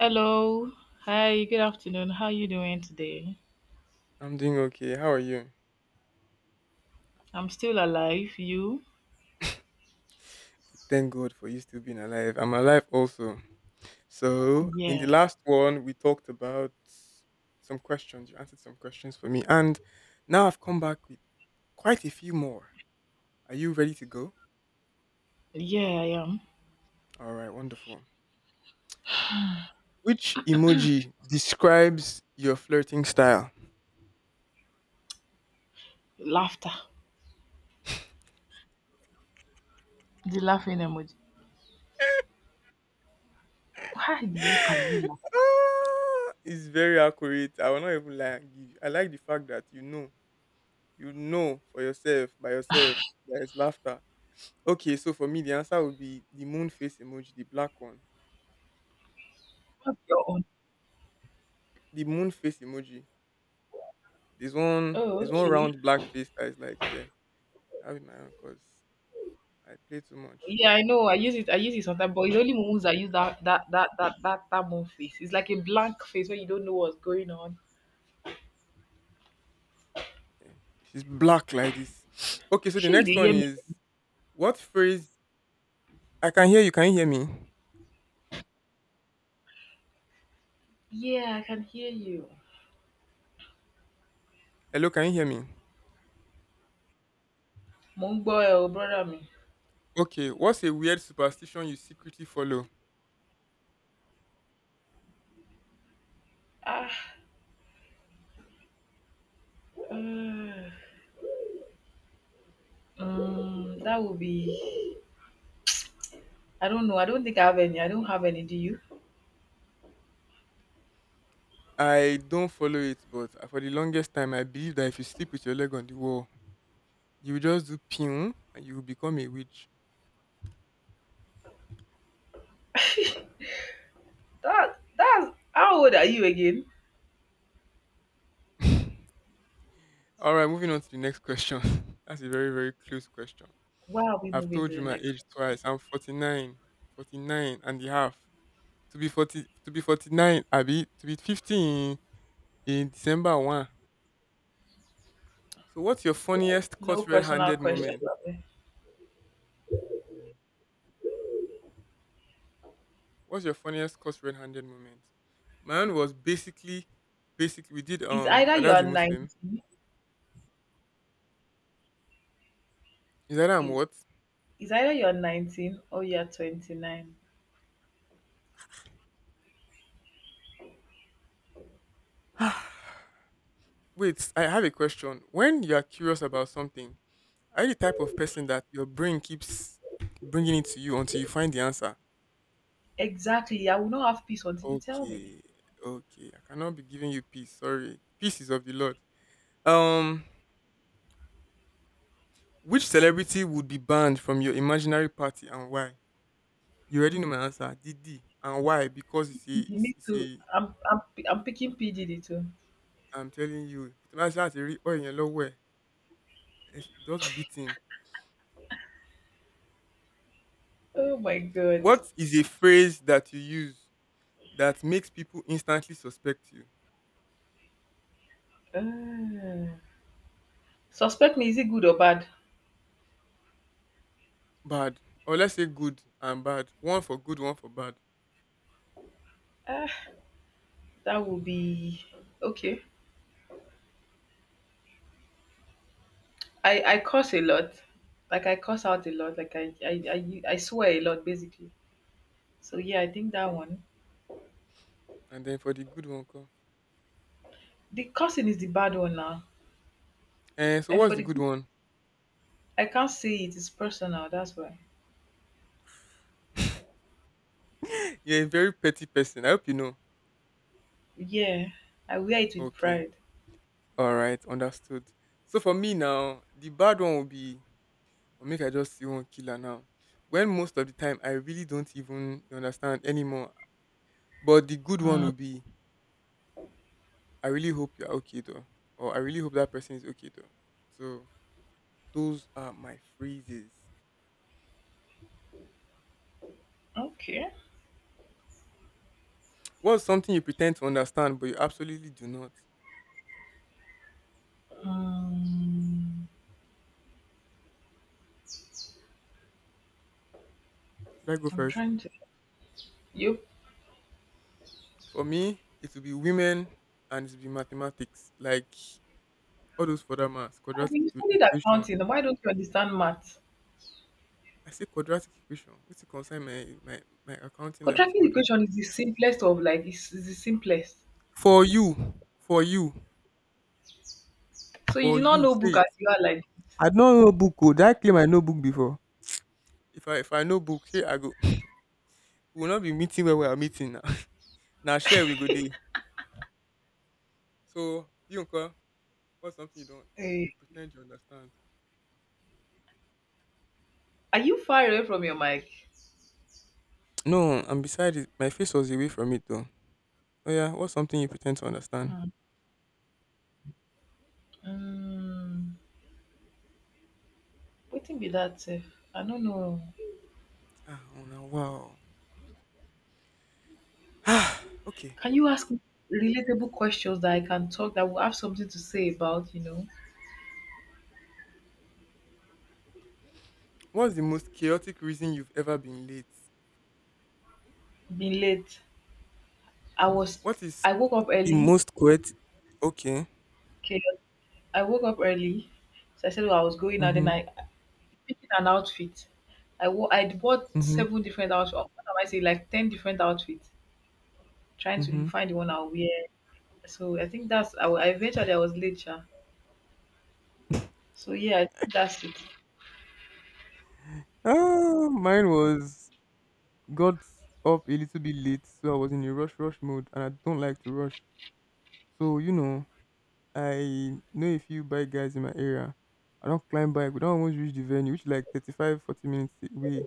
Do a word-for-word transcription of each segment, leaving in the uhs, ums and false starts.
Hello. Hi, good afternoon. How you doing today? I'm doing okay. How are you? I'm still alive. You? Thank God for you still being alive. I'm alive also. So, in the Yeah. last one, we talked about some questions. You answered some questions for me. And now I've come back with quite a few more. Are you ready to go? Yeah, I am. All right, wonderful. Which emoji describes your flirting style? Laughter. The laughing emoji. Why the heck are you laughing? Ah, it's very accurate. I will not even lie and give you. I like the fact that you know, you know for yourself, by yourself, there is laughter. Okay, so for me, the answer would be the moon face emoji, the black one. What's your own? The moon face emoji. There's one, Oh, there's one okay. round black face that is like, yeah, that'll be my own because I play too much. Yeah, I know. I use it. I use it sometimes, but it's only moments I use that that that that that that moon face. It's like a blank face where you don't know what's going on. Yeah, she's black like this. Okay, so the Sure, you next dey one hear me? is what phrase? I can hear you. Can you hear me? Yeah, I can hear you. Hello, can you hear me? Mong boy Mongboy, brother me. Okay, what's a weird superstition you secretly follow? Ah, uh, um, that would be. I don't know. I don't think I have any. I don't have any. Do you? I don't follow it, but for the longest time, I believe that if you sleep with your leg on the wall, you will just do pew and you will become a witch. That that's how old are you again? All right, moving on to the next question. That's a very, very close question. Why are we I've moving to told you the my next age question? twice. I'm forty-nine, forty-nine and a half. To be forty, to be forty-nine, Abby, to be fifty in, in December one. So what's your funniest No caught personal red-handed question. moment? Labe. Yeah. What's your funniest caught red-handed moment? My own was basically, basically, we did, It's um, either my you dad's are a Muslim. nineteen. Is that I'm Is what? is either you are nineteen or you are twenty nine. Wait, I have a question. When you are curious about something, are you the type of person that your brain keeps bringing it to you until you find the answer? Exactly. I will not have peace until you tell me. Okay, okay. I cannot be giving you peace. Sorry. Peace is of the Lord. Um, which celebrity would be banned from your imaginary party and why? You already know my answer. Didi. And why? Because it's a, it's, Me it's too. a, I'm I'm I'm picking P G D too. I'm telling you, Kutumasi has a real oil in your lower. Eh, just beat him. Oh my god. What is a phrase that you use that makes people instantly suspect you? Ah. Suspect me. Is it good or bad? Bad, or let's say good and bad. One for good, one for bad, Ah, that will be okay. I I curse a lot. Like I curse out a lot. Like I I I, I swear a lot basically. So yeah, I think that one. and then for the good one come. The cursing is the bad one now. And so And what's for the the good good, one? I can't say it. It's personal. That's why. You're a very petty person. I hope you know. Yeah, I wear it with Okay, pride. all right, understood. So for me now, the bad one will be. Or make I just see one killer now. When most of the time I really don't even understand anymore. But the good one Mm, will be. I really hope you're okay though, or I really hope that person is okay though. So those are my phrases. okay. What's something you pretend to understand but you absolutely do not? Um, Should I go I'm first? trying to. You For me, it will be women and it will be mathematics, like all those further maths, have quadratic been equ- studied equation. accounting. Why don't you understand math? I say quadratic equation. What's to concern my, my, my accounting life with Contracting quadratic? equation is the simplest of like it's, it's the simplest. For you, for you, So you for do not you, know say book it. as you are like. This. I don't know book. Oh, did I claim I know book before? If I if I know book, here I go. We will not be meeting where we are meeting now. Now share we go day. So you Uncle, what's something you don't Eh, you pretend you understand? are you far away from your mic? No, and besides, it, my face was away from it though. Oh yeah, what's something you pretend to understand? Um, wetin be that sef? I not know. Ah, oh no, wow. Ah, okay. Can you ask me relatable questions that I can talk that will have something to say about, you know? What's the most chaotic reason you've ever been late? Being late. I was What is I woke up the early. most chaotic? Okay. Okay. I woke up early. So I said well, I was going out then Mhm. I picking an outfit. I wo- I bought Mhm. seven different outfits. What am I saying? Like ten different outfits. Trying to Mhm. find the one I'll wear. So I think that's I, wa- eventually I was late, sha. So yeah, I think that's it. Ah, mine was got up a little bit late, so I was in a rush, rush mode, and I don't like to rush. So you know, I know a few bike guys in my area. I don't climb bike. We don't almost reach the venue, which is like thirty five, forty minutes away.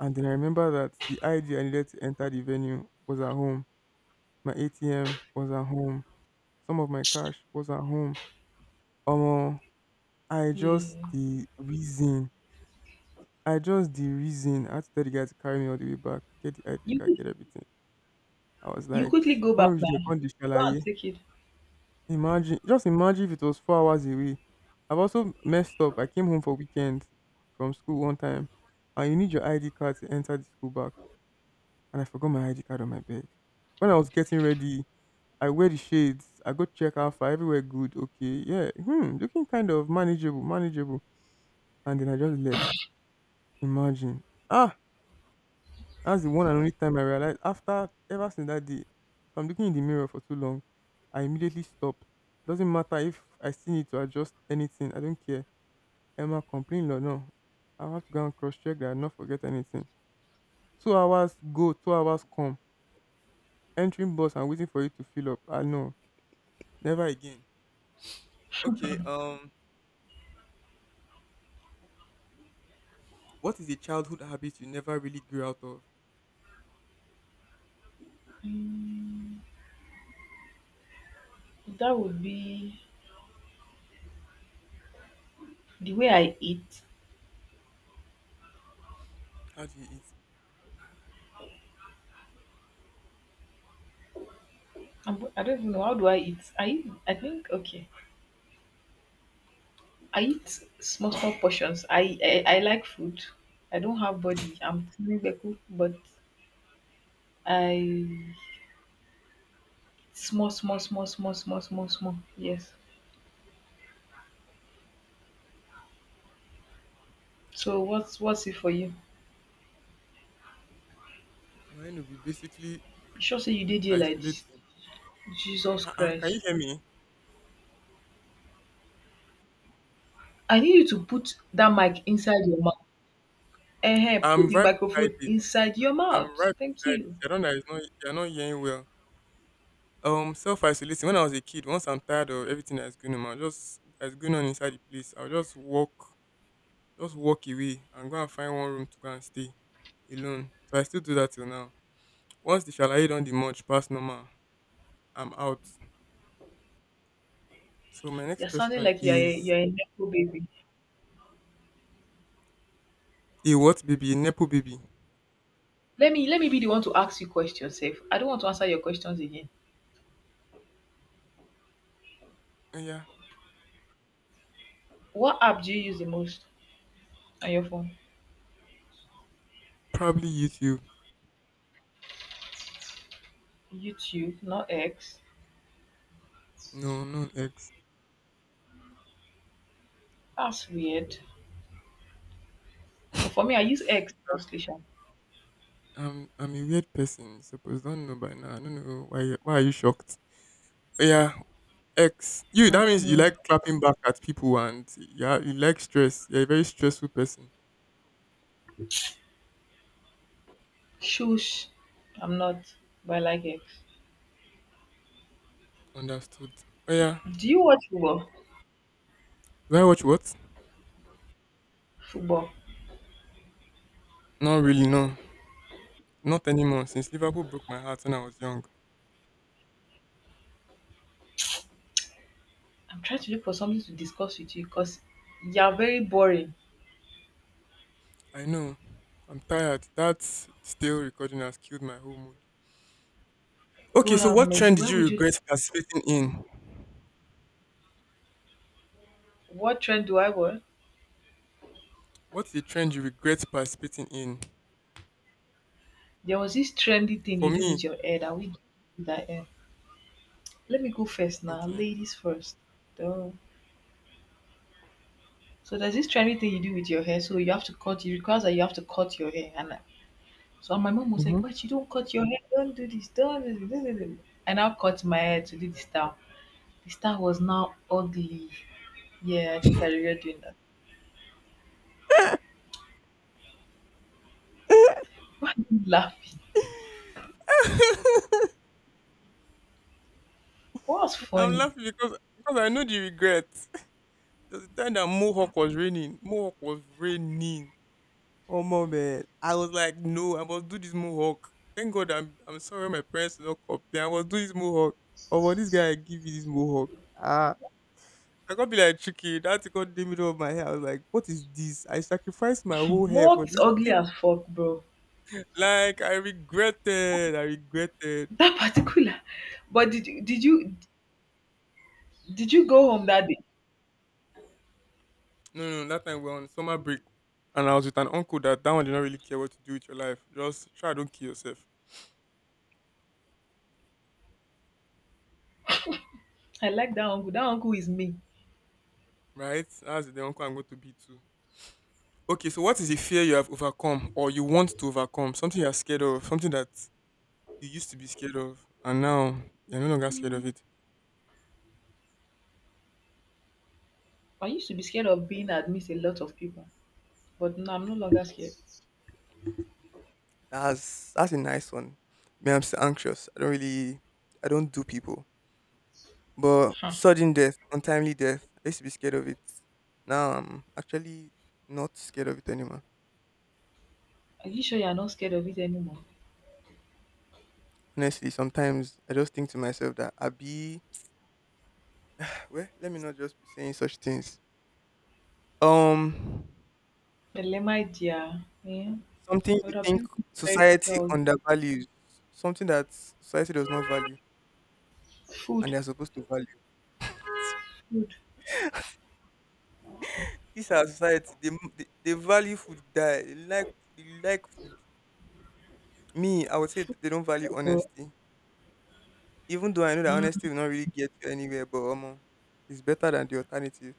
And then I remember that the I D I needed to enter the venue was at home. My A T M was at home. Some of my cash was at home. Um, I just Yeah. the reason. I just the reason. I had to tell the guy to carry me all the way back, get the I D card, You get everything. I was You like, quickly I go back can't reach the now, country. go and take it. Imagine, just imagine if it was four hours away. I've also messed up. I came home for weekend from school one time, and you need your I D card to enter the school back. And I forgot my I D card on my bed. When I was getting ready, I wear the shades. I go check out for everywhere good. Okay, yeah, hmm, looking kind of manageable, manageable. And then I just left. Imagine. Ah, that's the one and only time I realized after ever since that day, if I'm looking in the mirror for too long, I immediately stop. Doesn't matter if I still need to adjust anything. I don't care. Emma complain or no. I'll have to go and cross check that I not forget anything. Two hours go, two hours come. Entering bus and waiting for it to fill up. I know. Never again. Okay. Um, what is a childhood habit you never really grew out of? That would be the way I eat. How do you eat? I'm, I do not even know how do I eat. I eat, I think okay. I eat small small portions. I I, I like food. I don't have body. I'm tiny beku, but I small small small small small small small. Yes. So what's what's it for you? Mine will be basically You sure say you did here like this? isolating. Jesus Ah, uh can Christ! you hear me? I need you to put that mic inside your mouth. Eh, uh put I'm the right beside microphone it. inside your I'm mouth. right Thank beside it. you. I don't know. It's not. You're not hearing well. Um, self isolating. When I was a kid, once I'm tired of everything that's going on, I'll just that's going on inside the place. I'll just walk, just walk away and go and find one room to go and stay alone. So I still do that till now. Once the shalaye don't demurge past normal, I'm out. So my next You're sounding question like you're a is you're a nepo baby. a what baby, a nepo baby? Let me let me be the one to ask you questions, safe. I don't want to answer your questions again. Oh yeah, What app do you use the most on your phone? probably YouTube. YouTube, not X. No, no, am not X. That's weird. For me, I use X mostly. Sha. I'm I'm a weird person. You suppose don't know by now. I don't know why. you- Why are you shocked? Oh yeah, X. You. That means you Hmm. like clapping back at people and yeah, you like stress. You're a very stressful person. Shush, I'm not, but I like X. Understood. Oh yeah. Do you watch football? Do I watch what? Football. Not really. No, not anymore. Since Liverpool broke my heart when I was young. I'm trying to look for something to discuss with you because you're very boring. I know. I'm tired. That stale recording has killed my whole mood. Okay, God so have what trend mercy. did Why you would you? regret participating in? What trend do I want? What's the trend you regret participating in? There was this trendy thing For you do me, with your head, and we do that. Let me go first now, okay. ladies first. Duh. So there's this trendy thing you do with your hair. So you have to cut. It requires that you have to cut your hair. And I, so my mom was Hmm. like, "What? You don't cut your hair? Don't do this. Don't do this." I now cut my hair to do the style. The style was now ugly. Yeah, I think I regret doing that. Why are you laughing? What was I'm funny? laughing because because I know the regret. There's a time that Mohawk was raining. Mohawk was raining. Oh my man. I was like, no, I must do this Mohawk. Thank God I'm I'm sorry my parents did not complain. I must do this Mohawk. Oh, but this guy give me this Mohawk. Ah. I can't be like chicken. That had to cut the middle of my hair. I was like, what is this? I sacrificed my whole hair for Mark is this ugly thing. as fuck, bro. Like, I regretted. I regretted. That particular. But did you- did you did you go home that day? No, no, that time we were on summer break. And I was with an uncle that that one did not really care what to do with your life. Just try, don't kill yourself. I like that uncle. That uncle is me. Right? That's the uncle I'm going to be too. Okay, so what is the fear you have overcome or you want to overcome? Something you're scared of, something that you used to be scared of, and now you're no longer scared of it. I used to be scared of being amidst a lot of people. But no, I'm no longer scared. That's that's a nice one. Me, I'm still anxious. I don't really, I don't do people. But Hmm. sudden death, untimely death. I used to be scared of it. Now I'm actually not scared of it anymore. Are you sure you're not scared of it anymore? Honestly, sometimes I just think to myself that I be well. Let me not just be saying such things. Um, Well, my dear. Yeah. something I you would have think given you very society girl. undervalues, something that society does not value, and Food. they're supposed to value it. Food. This our society. They they, they value food. Die. They like they like food. Me, I would say that they don't value Bro. honesty. Even though I know that Mm. honesty will not really get you anywhere, but um, it's better than the alternative.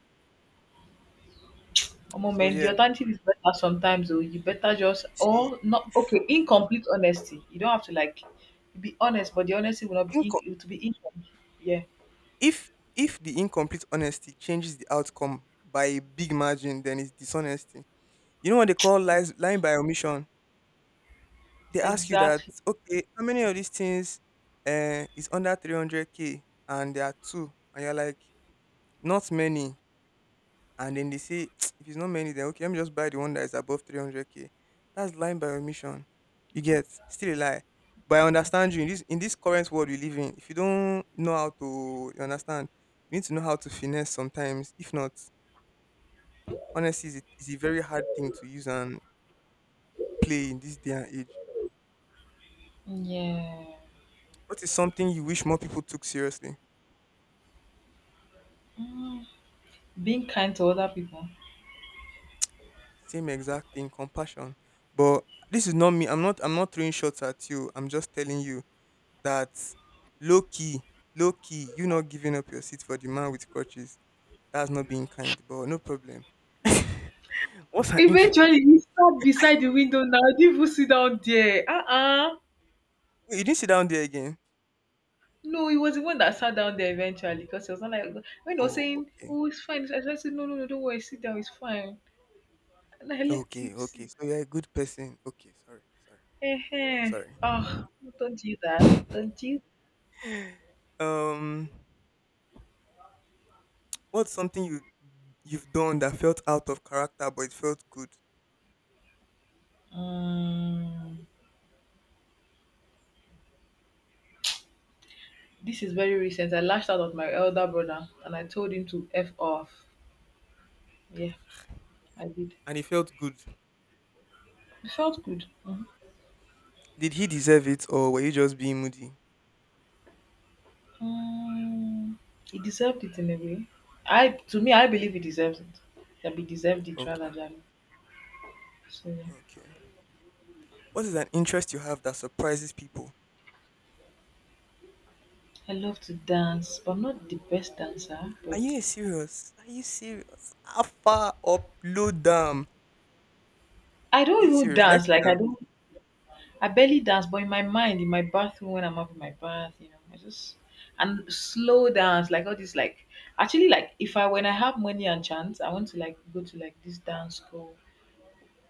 Omo, So man, the yeah, alternative is better sometimes, though. You better just, see, or not, if okay, incomplete honesty. You don't have to, like, be honest, but the honesty will not be, inco- in, it will be incomplete. Yeah, if if the incomplete honesty changes the outcome by a big margin, then it's dishonesty. You know what they call lies, lying by omission. They ask you that, exactly. okay, how many of these things uh, is under three hundred k, and there are two, and you're like, not many. And then they say if it's not many, then okay, let me just buy the one that is above three hundred k. That's lying by omission. You get, still a lie. But I understand you. In this in this current world we live in, if you don't know how to, you understand, you need to know how to finesse sometimes. If not, honesty is a, it's a very hard thing to use and play in this day and age. Yeah. What is something you wish more people took seriously? Mm. Being kind to other people. Same exact thing, compassion. But this is not me. I'm not i'm not throwing shots at you, I'm just telling you that low key, low key, you not giving up your seat for the man with crutches, that's not being kind, but no problem. What's an injury? Eventually, you stop beside the window now. You even sit down there. Uh uh. Wait, you didn't sit down there again. No, he was the one that sat down there eventually because he was not like when he was Oh, saying, okay. "Oh, it's fine." I just said, "No, no, no, don't worry, sit down, it's fine." And I let Okay, him sit. okay. So you're a good person. Okay, sorry, Eh, sorry, oh, don't do that. Don't do. sorry. um what's something you you've done that felt out of character but it felt good? Mm, this is very recent. I lashed out at my elder brother and I told him to f off. Yeah, I did. And it felt good. It felt good. Mhm. Did he deserve it, or were you just being moody? Mm, he deserved it in a way. I, to me, I believe he deserves it. That he deserved it rather Okay, than. So yeah. okay. What is an interest you have that surprises people? I love to dance, but I'm not the best dancer. Are But you serious? Are you serious? How far up, low down? I Are don't you even serious? You like to dance. Like I dance? don't, I barely dance. But in my mind, in my bathroom when I'm having my bath, you know, I just and slow dance, like all this, like actually, like if I when I have money and chance, I want to like go to like this dance school.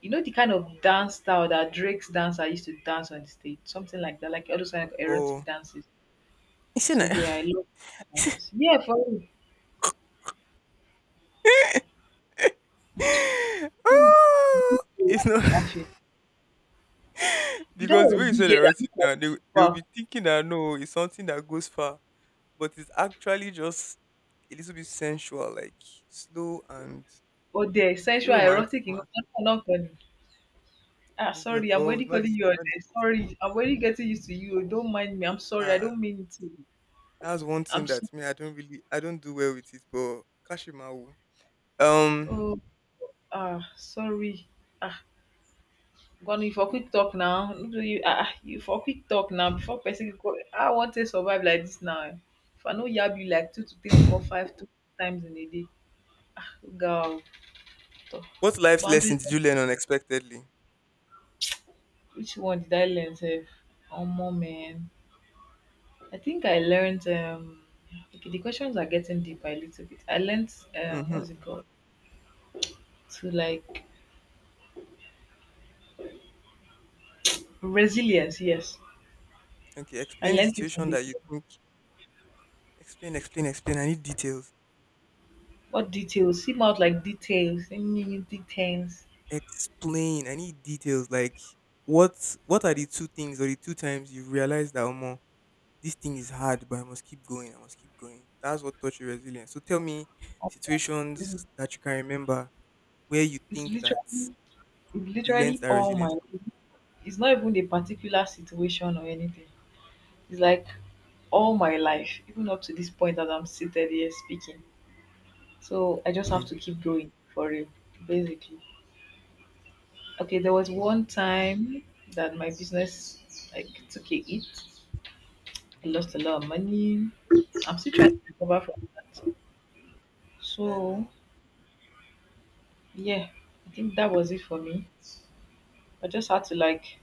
You know the kind of dance style that Drake's dance I used to dance on the stage, something like that, like all those kind of Oh, erotic dances. isn't So it? yeah, I love dances. Yeah, for real. Oh, it's not. You don't Because the want way to you be big said head and erotic look now, they like- they'll well, be thinking that no, it's something that goes far, but it's actually just a little bit sensual, like slow and or the she sensual, romantic. erotic, nǹkan kan náà. Ah, We were sorry, I'm already called not calling this. you Not Ode. the. Sorry, I'm already getting used to you. Don't mind me. I'm sorry. I don't Ah, mean to. that's one thing I'm so, that me I don't really I don't do well with it. But Kashimawu. oh, Um ah, sorry. Ah, Gwanu, you for quick talk now. No be you, ah, ah, you for quick talk now. Before person go, I want to survive like this now. Eh. If I no yab you like two to three, four, five, two times in a day. Ah, girl, toh. what life's Boundaries. lesson did you learn unexpectedly? Which one did I learn? Sef? Omo, man. I think I learned. Um, okay, the questions are getting deeper a little bit. I learned um, what's it Mm-hmm. called to like resilience. Yes, Okay, I explain the learned it on situation the that you go. think. Explain, explain, explain. I need details. What details? Seem out like details. Any details? Explain. I need details. Like, what what are the two things or the two times you realize that, Omo, this thing is hard, but I must keep going. I must keep going. That's what taught you resilience. So tell me It's, situations that you can remember where you it's think that. literally, it's You learned literally that all resilience my. from. It's not even a particular situation or anything. It's like all my life, even up to this point that I'm seated here speaking. So I just have Hmm. to keep going for real, basically. Okay, there was one Wow. time that my business like took a hit. I lost Okay. a lot of money. I'm still trying to recover from that. Omo. So yeah, I think that was it for me. I just had to like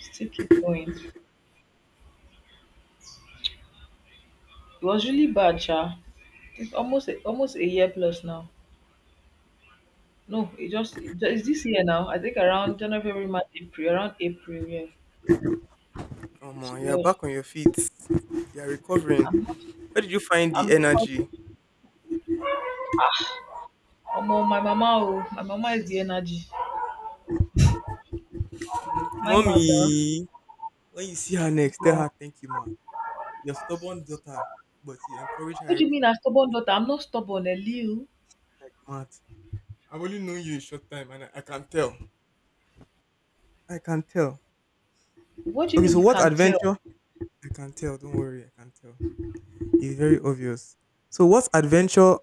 still keep going. It was really bad, Sha. It's almost a, almost a year plus now. No, it just it ju- it's this year now. I think around January, February, March, April, around April. Yeah. So Omo, you're yeah, back on your feet. You're recovering. I'm not. Where did you find the I'm the cause. energy? Oh, my mama. Oh, my mama is the energy. My mother. Mommy, when you see her next, tell Yeah. her thank you, ma. Your stubborn daughter, but you encourage her What do you every mean a stubborn day. daughter? I'm not stubborn, Eliu. Matt, I've only known you a short time and I, I can tell. I can tell. What do you Okay, mean so you what can tell? adventure? I can tell. Don't worry, I can tell. It's very obvious. So, what adventure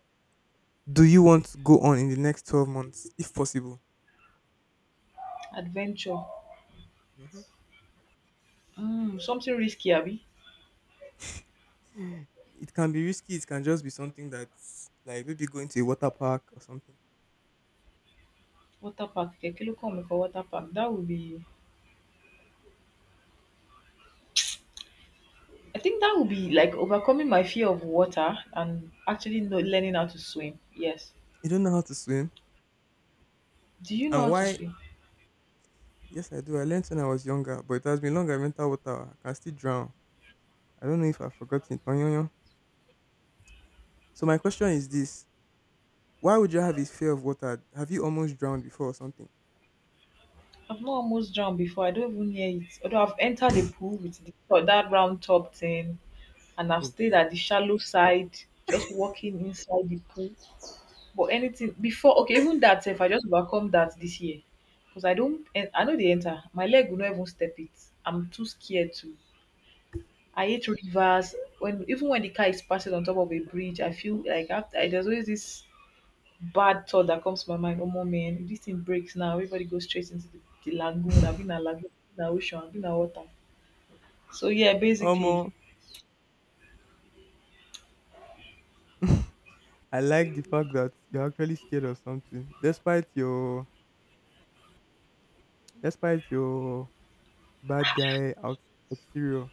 do you want to go on in the next twelve months, if possible? Adventure. Mhm. Mm, something risky, Abby. It can be risky. It can just be something that's like maybe going to a water park or something. Water park. Okay, kilo call me for water park. That would be. I think that would be like overcoming my fear of water and actually know, learning how to swim. Yes. You don't know how to swim. Do you know And how to why? swim? Yes, I do. I learned when I was younger, but it has been long I went out water. I can still drown. I don't know if I've forgotten. Tonyoyo. So my question is this. Why would you have a fear of water? Have you almost drowned before or something? I've not almost drowned before. I don't even hear it. Although I've entered a pool with the, or that round top thing, and I've stayed Okay. at the shallow side, just walking inside the pool. But anything before okay, even that if I just overcome that this year because I don't en- I know they enter. My leg will not even step it. I'm too scared to. I hate rivers. When even when the car is passing on top of a bridge, I feel like after I, there's always this bad thought that comes to my mind. Oh more man, if this thing breaks now, everybody goes straight into the, the lagoon. I've been a lagoon, na ocean, I've been a water. So yeah, Omo, basically, I like the fact that you're actually scared of something, despite your despite your bad guy out exterior.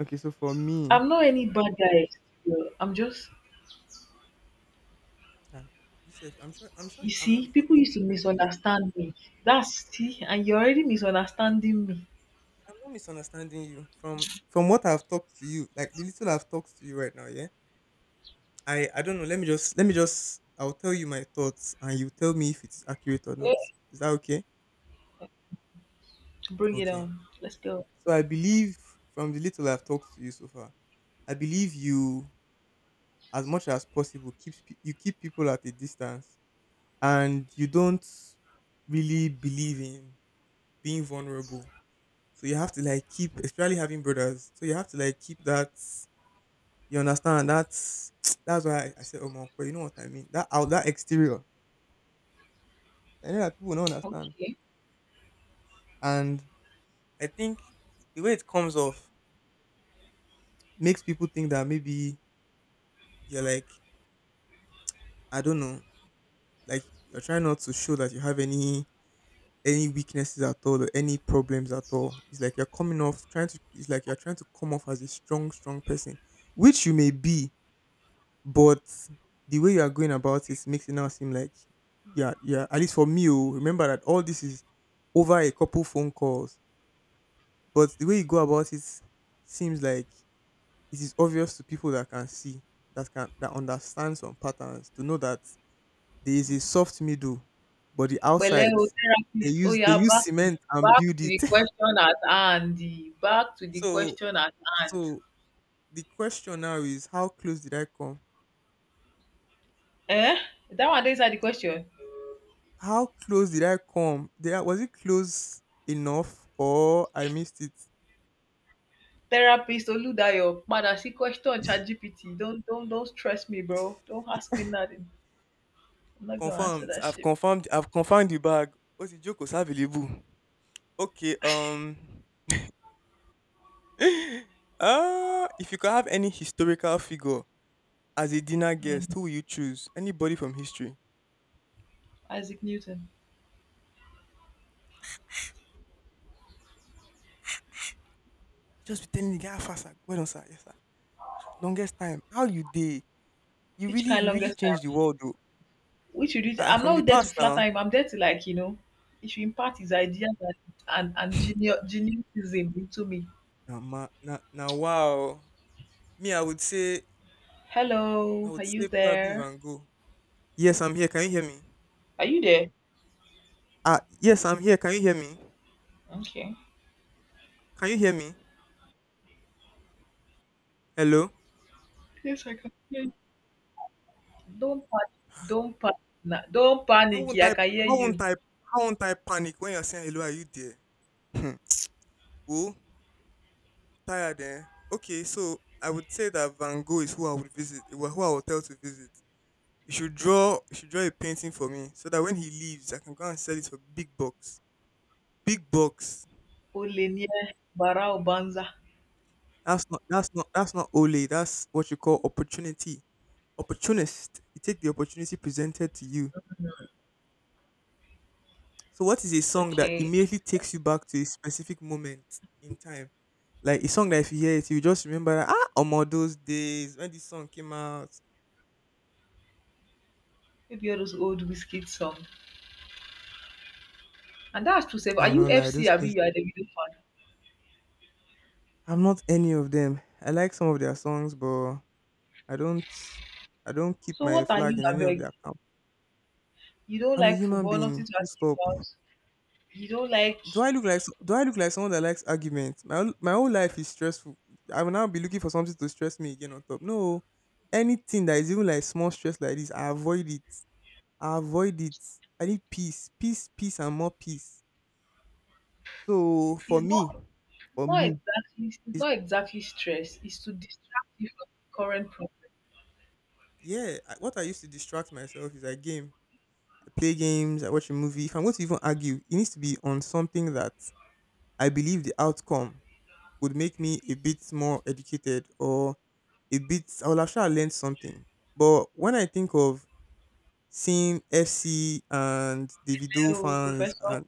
Okay, so for me. I'm not any bad guy. I'm just Ah, you said, I'm sure I'm sure you I'm not the see, first people person used to to tell you this. misunderstand me. That's see, and you're already misunderstanding me. I'm not misunderstanding you. From from what I've talked to you, like the little I've talked to you right now, yeah. I I don't know. Let me just let me just, I'll tell you my thoughts and you tell me if it's accurate or not. Eh, Is that okay? bring it Okay. on. Let's go. So I believe, from the little I've talked to you so far, I believe you, as much as possible, keeps pe- you keep people at a distance, and you don't really believe in being vulnerable. So you have to like keep, especially having brothers. So you have to like keep that. You understand? That's that's why I, I said Omo. But you know what I mean? That out, that exterior. I know that people don't understand, Okay. and I think the way it comes off makes people think that maybe you're like, I don't know, like you're trying not to show that you have any any weaknesses at all or any problems at all. It's like you're coming off trying to. It's like you're trying to come off as a strong, strong person, which you may be. But the way you are going about it makes it now seem like, yeah, yeah. At least for me, oh, remember that all this is over a couple phone calls. But the way you go about it seems like it is obvious to people that can see, that can that understand some patterns to know that there is a soft middle, but the But outside o they therapist, oh, use they yeah, use back to the cement and back build to the it. question at hand. Back to the so question at hand. so the question now is, how close did I come? Eh? That one is the question. How close did I come? Did I, was it close enough, or I missed it? Therapist Oludayo, padà sí question ChatGPT. Don't don't don't stress me, bro. Don't ask me nothing. I'm not gonna answer Confirmed. that I've shit. confirmed. I've confirmed the bag. What's the joke was available? Okay. Um. uh, if you could have any historical figure as a dinner guest, Mm. who will you choose? Anybody from history? Isaac Newton. Just be telling the guy, "Ah, fast. Sir. Well done, sir. Yes, sir. Longest time. How you day? You Each really, kind you really longest changed time. the world, though." Which you did Ah, I'm from the not there to past flatter now. him. I'm there to like, you know, he should impart his ideas and and, and genius geniusism into me. Now, ma, now, now, wow. Me, I would say, I Hello, would are you say probably there? Van Gogh. Yes, I'm here. Can you hear me? Are you there? Ah, yes, I'm here. Can you hear me? Okay. Can you hear me? Hello? Yes, I can hear you. Don't panic. Don't panic. Don't How panic. won't I I can hear how won't you. I how won't I panic when you're saying, "Hello, are you there?" Hmm. Oh, tired, eh? Okay, so I would say that Van Gogh is who I would visit, who I who I would tell to visit. You should draw you should draw a painting for me so that when he leaves, I can go and sell it for big bucks. Big bucks. Olenie Bara Obanza. That's not that's not that's not ole, that's what you call opportunity. Opportunist. You take the opportunity presented to you. So what is a song that Okay. immediately takes you back to a specific moment in time? Like a song that if you hear it, you just remember that, ah, Omo, those days when this song came out. Maybe all those old whiskey song. And that's to say, I are will you not lie, F C? those Abi, things. you are the video fan. I'm not any of them. I like some of their songs, but I don't I don't keep So my what are flag you, in any of abeg? their camp. You don't I'm a like human football, being. nothing to Full argue stop. about. You don't like. Do I look like do I look like someone that likes arguments? My whole- my whole life is stressful. I will now be looking for something to stress me again on top. No, anything that is even like small stress like this, I avoid it. I avoid it. I need peace, peace, peace, and more peace. So for It's me, not for not me, exactly it's is not exactly stress, it's to distract you from the current problem. yeah. I- What I used to distract myself is I game. I play games. I watch a movie. If I'm going to even argue, it needs to be on something that I believe the outcome would make me a bit more educated or a bit. I will have sure learned something. But when I think of seeing F C and Davido Hello, fans professor, and,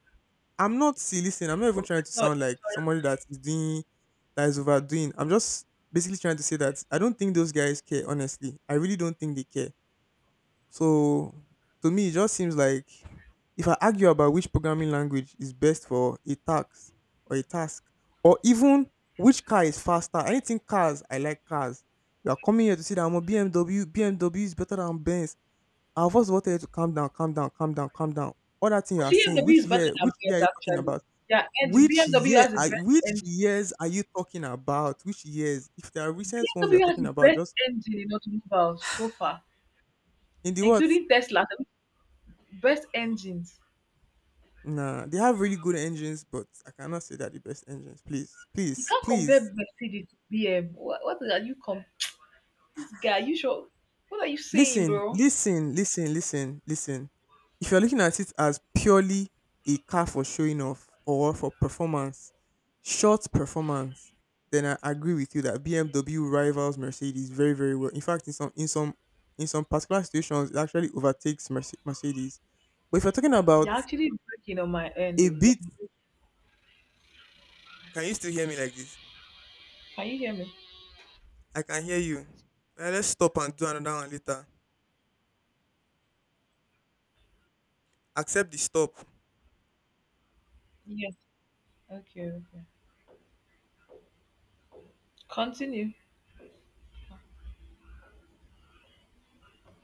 I'm not see. Listen, I'm not even professor, trying to sound like lecturer. somebody that is doing that is overdoing. I'm just basically trying to say that I don't think those guys care, honestly. I really don't think they care. So to me it just seems like, if I argue about which programming language is best for a task or a task or even which car is faster, anything cars, I like cars. You are coming here to see that I'm a B M W, B M W is better than Benz. I'll first of all tell you to calm down, calm down, calm down, calm down. All that thing you are saying, B M W which is better year, than which year are Benz you talking actually. about? Yeah, and Which B M W year has the are best which engine. years are you talking about? Which years? If there are recent ones you're B M W has talking the about, best just engine in automobiles so far, in the what? including Tesla, the best engines. Nah, they have really good engines, but I cannot say that the best engines. Please, You please, can't compare please. Mercedes to B M. What, what are you com? This guy, you sure? What are you saying, Listen, bro? listen, listen, listen, listen. If you're looking at it as purely a car for showing off or for performance, short performance, then I agree with you that B M W rivals Mercedes very, very well. In fact, in some in some in some particular situations, it actually overtakes Merce- Mercedes. But if you're talking about You're actually breaking on my end, a though. bit, Yeah. can you still hear me like this? Can you hear me? I can hear you. Eh, let's stop and do another one later. Accept the stop. Yes. Okay, okay. Continue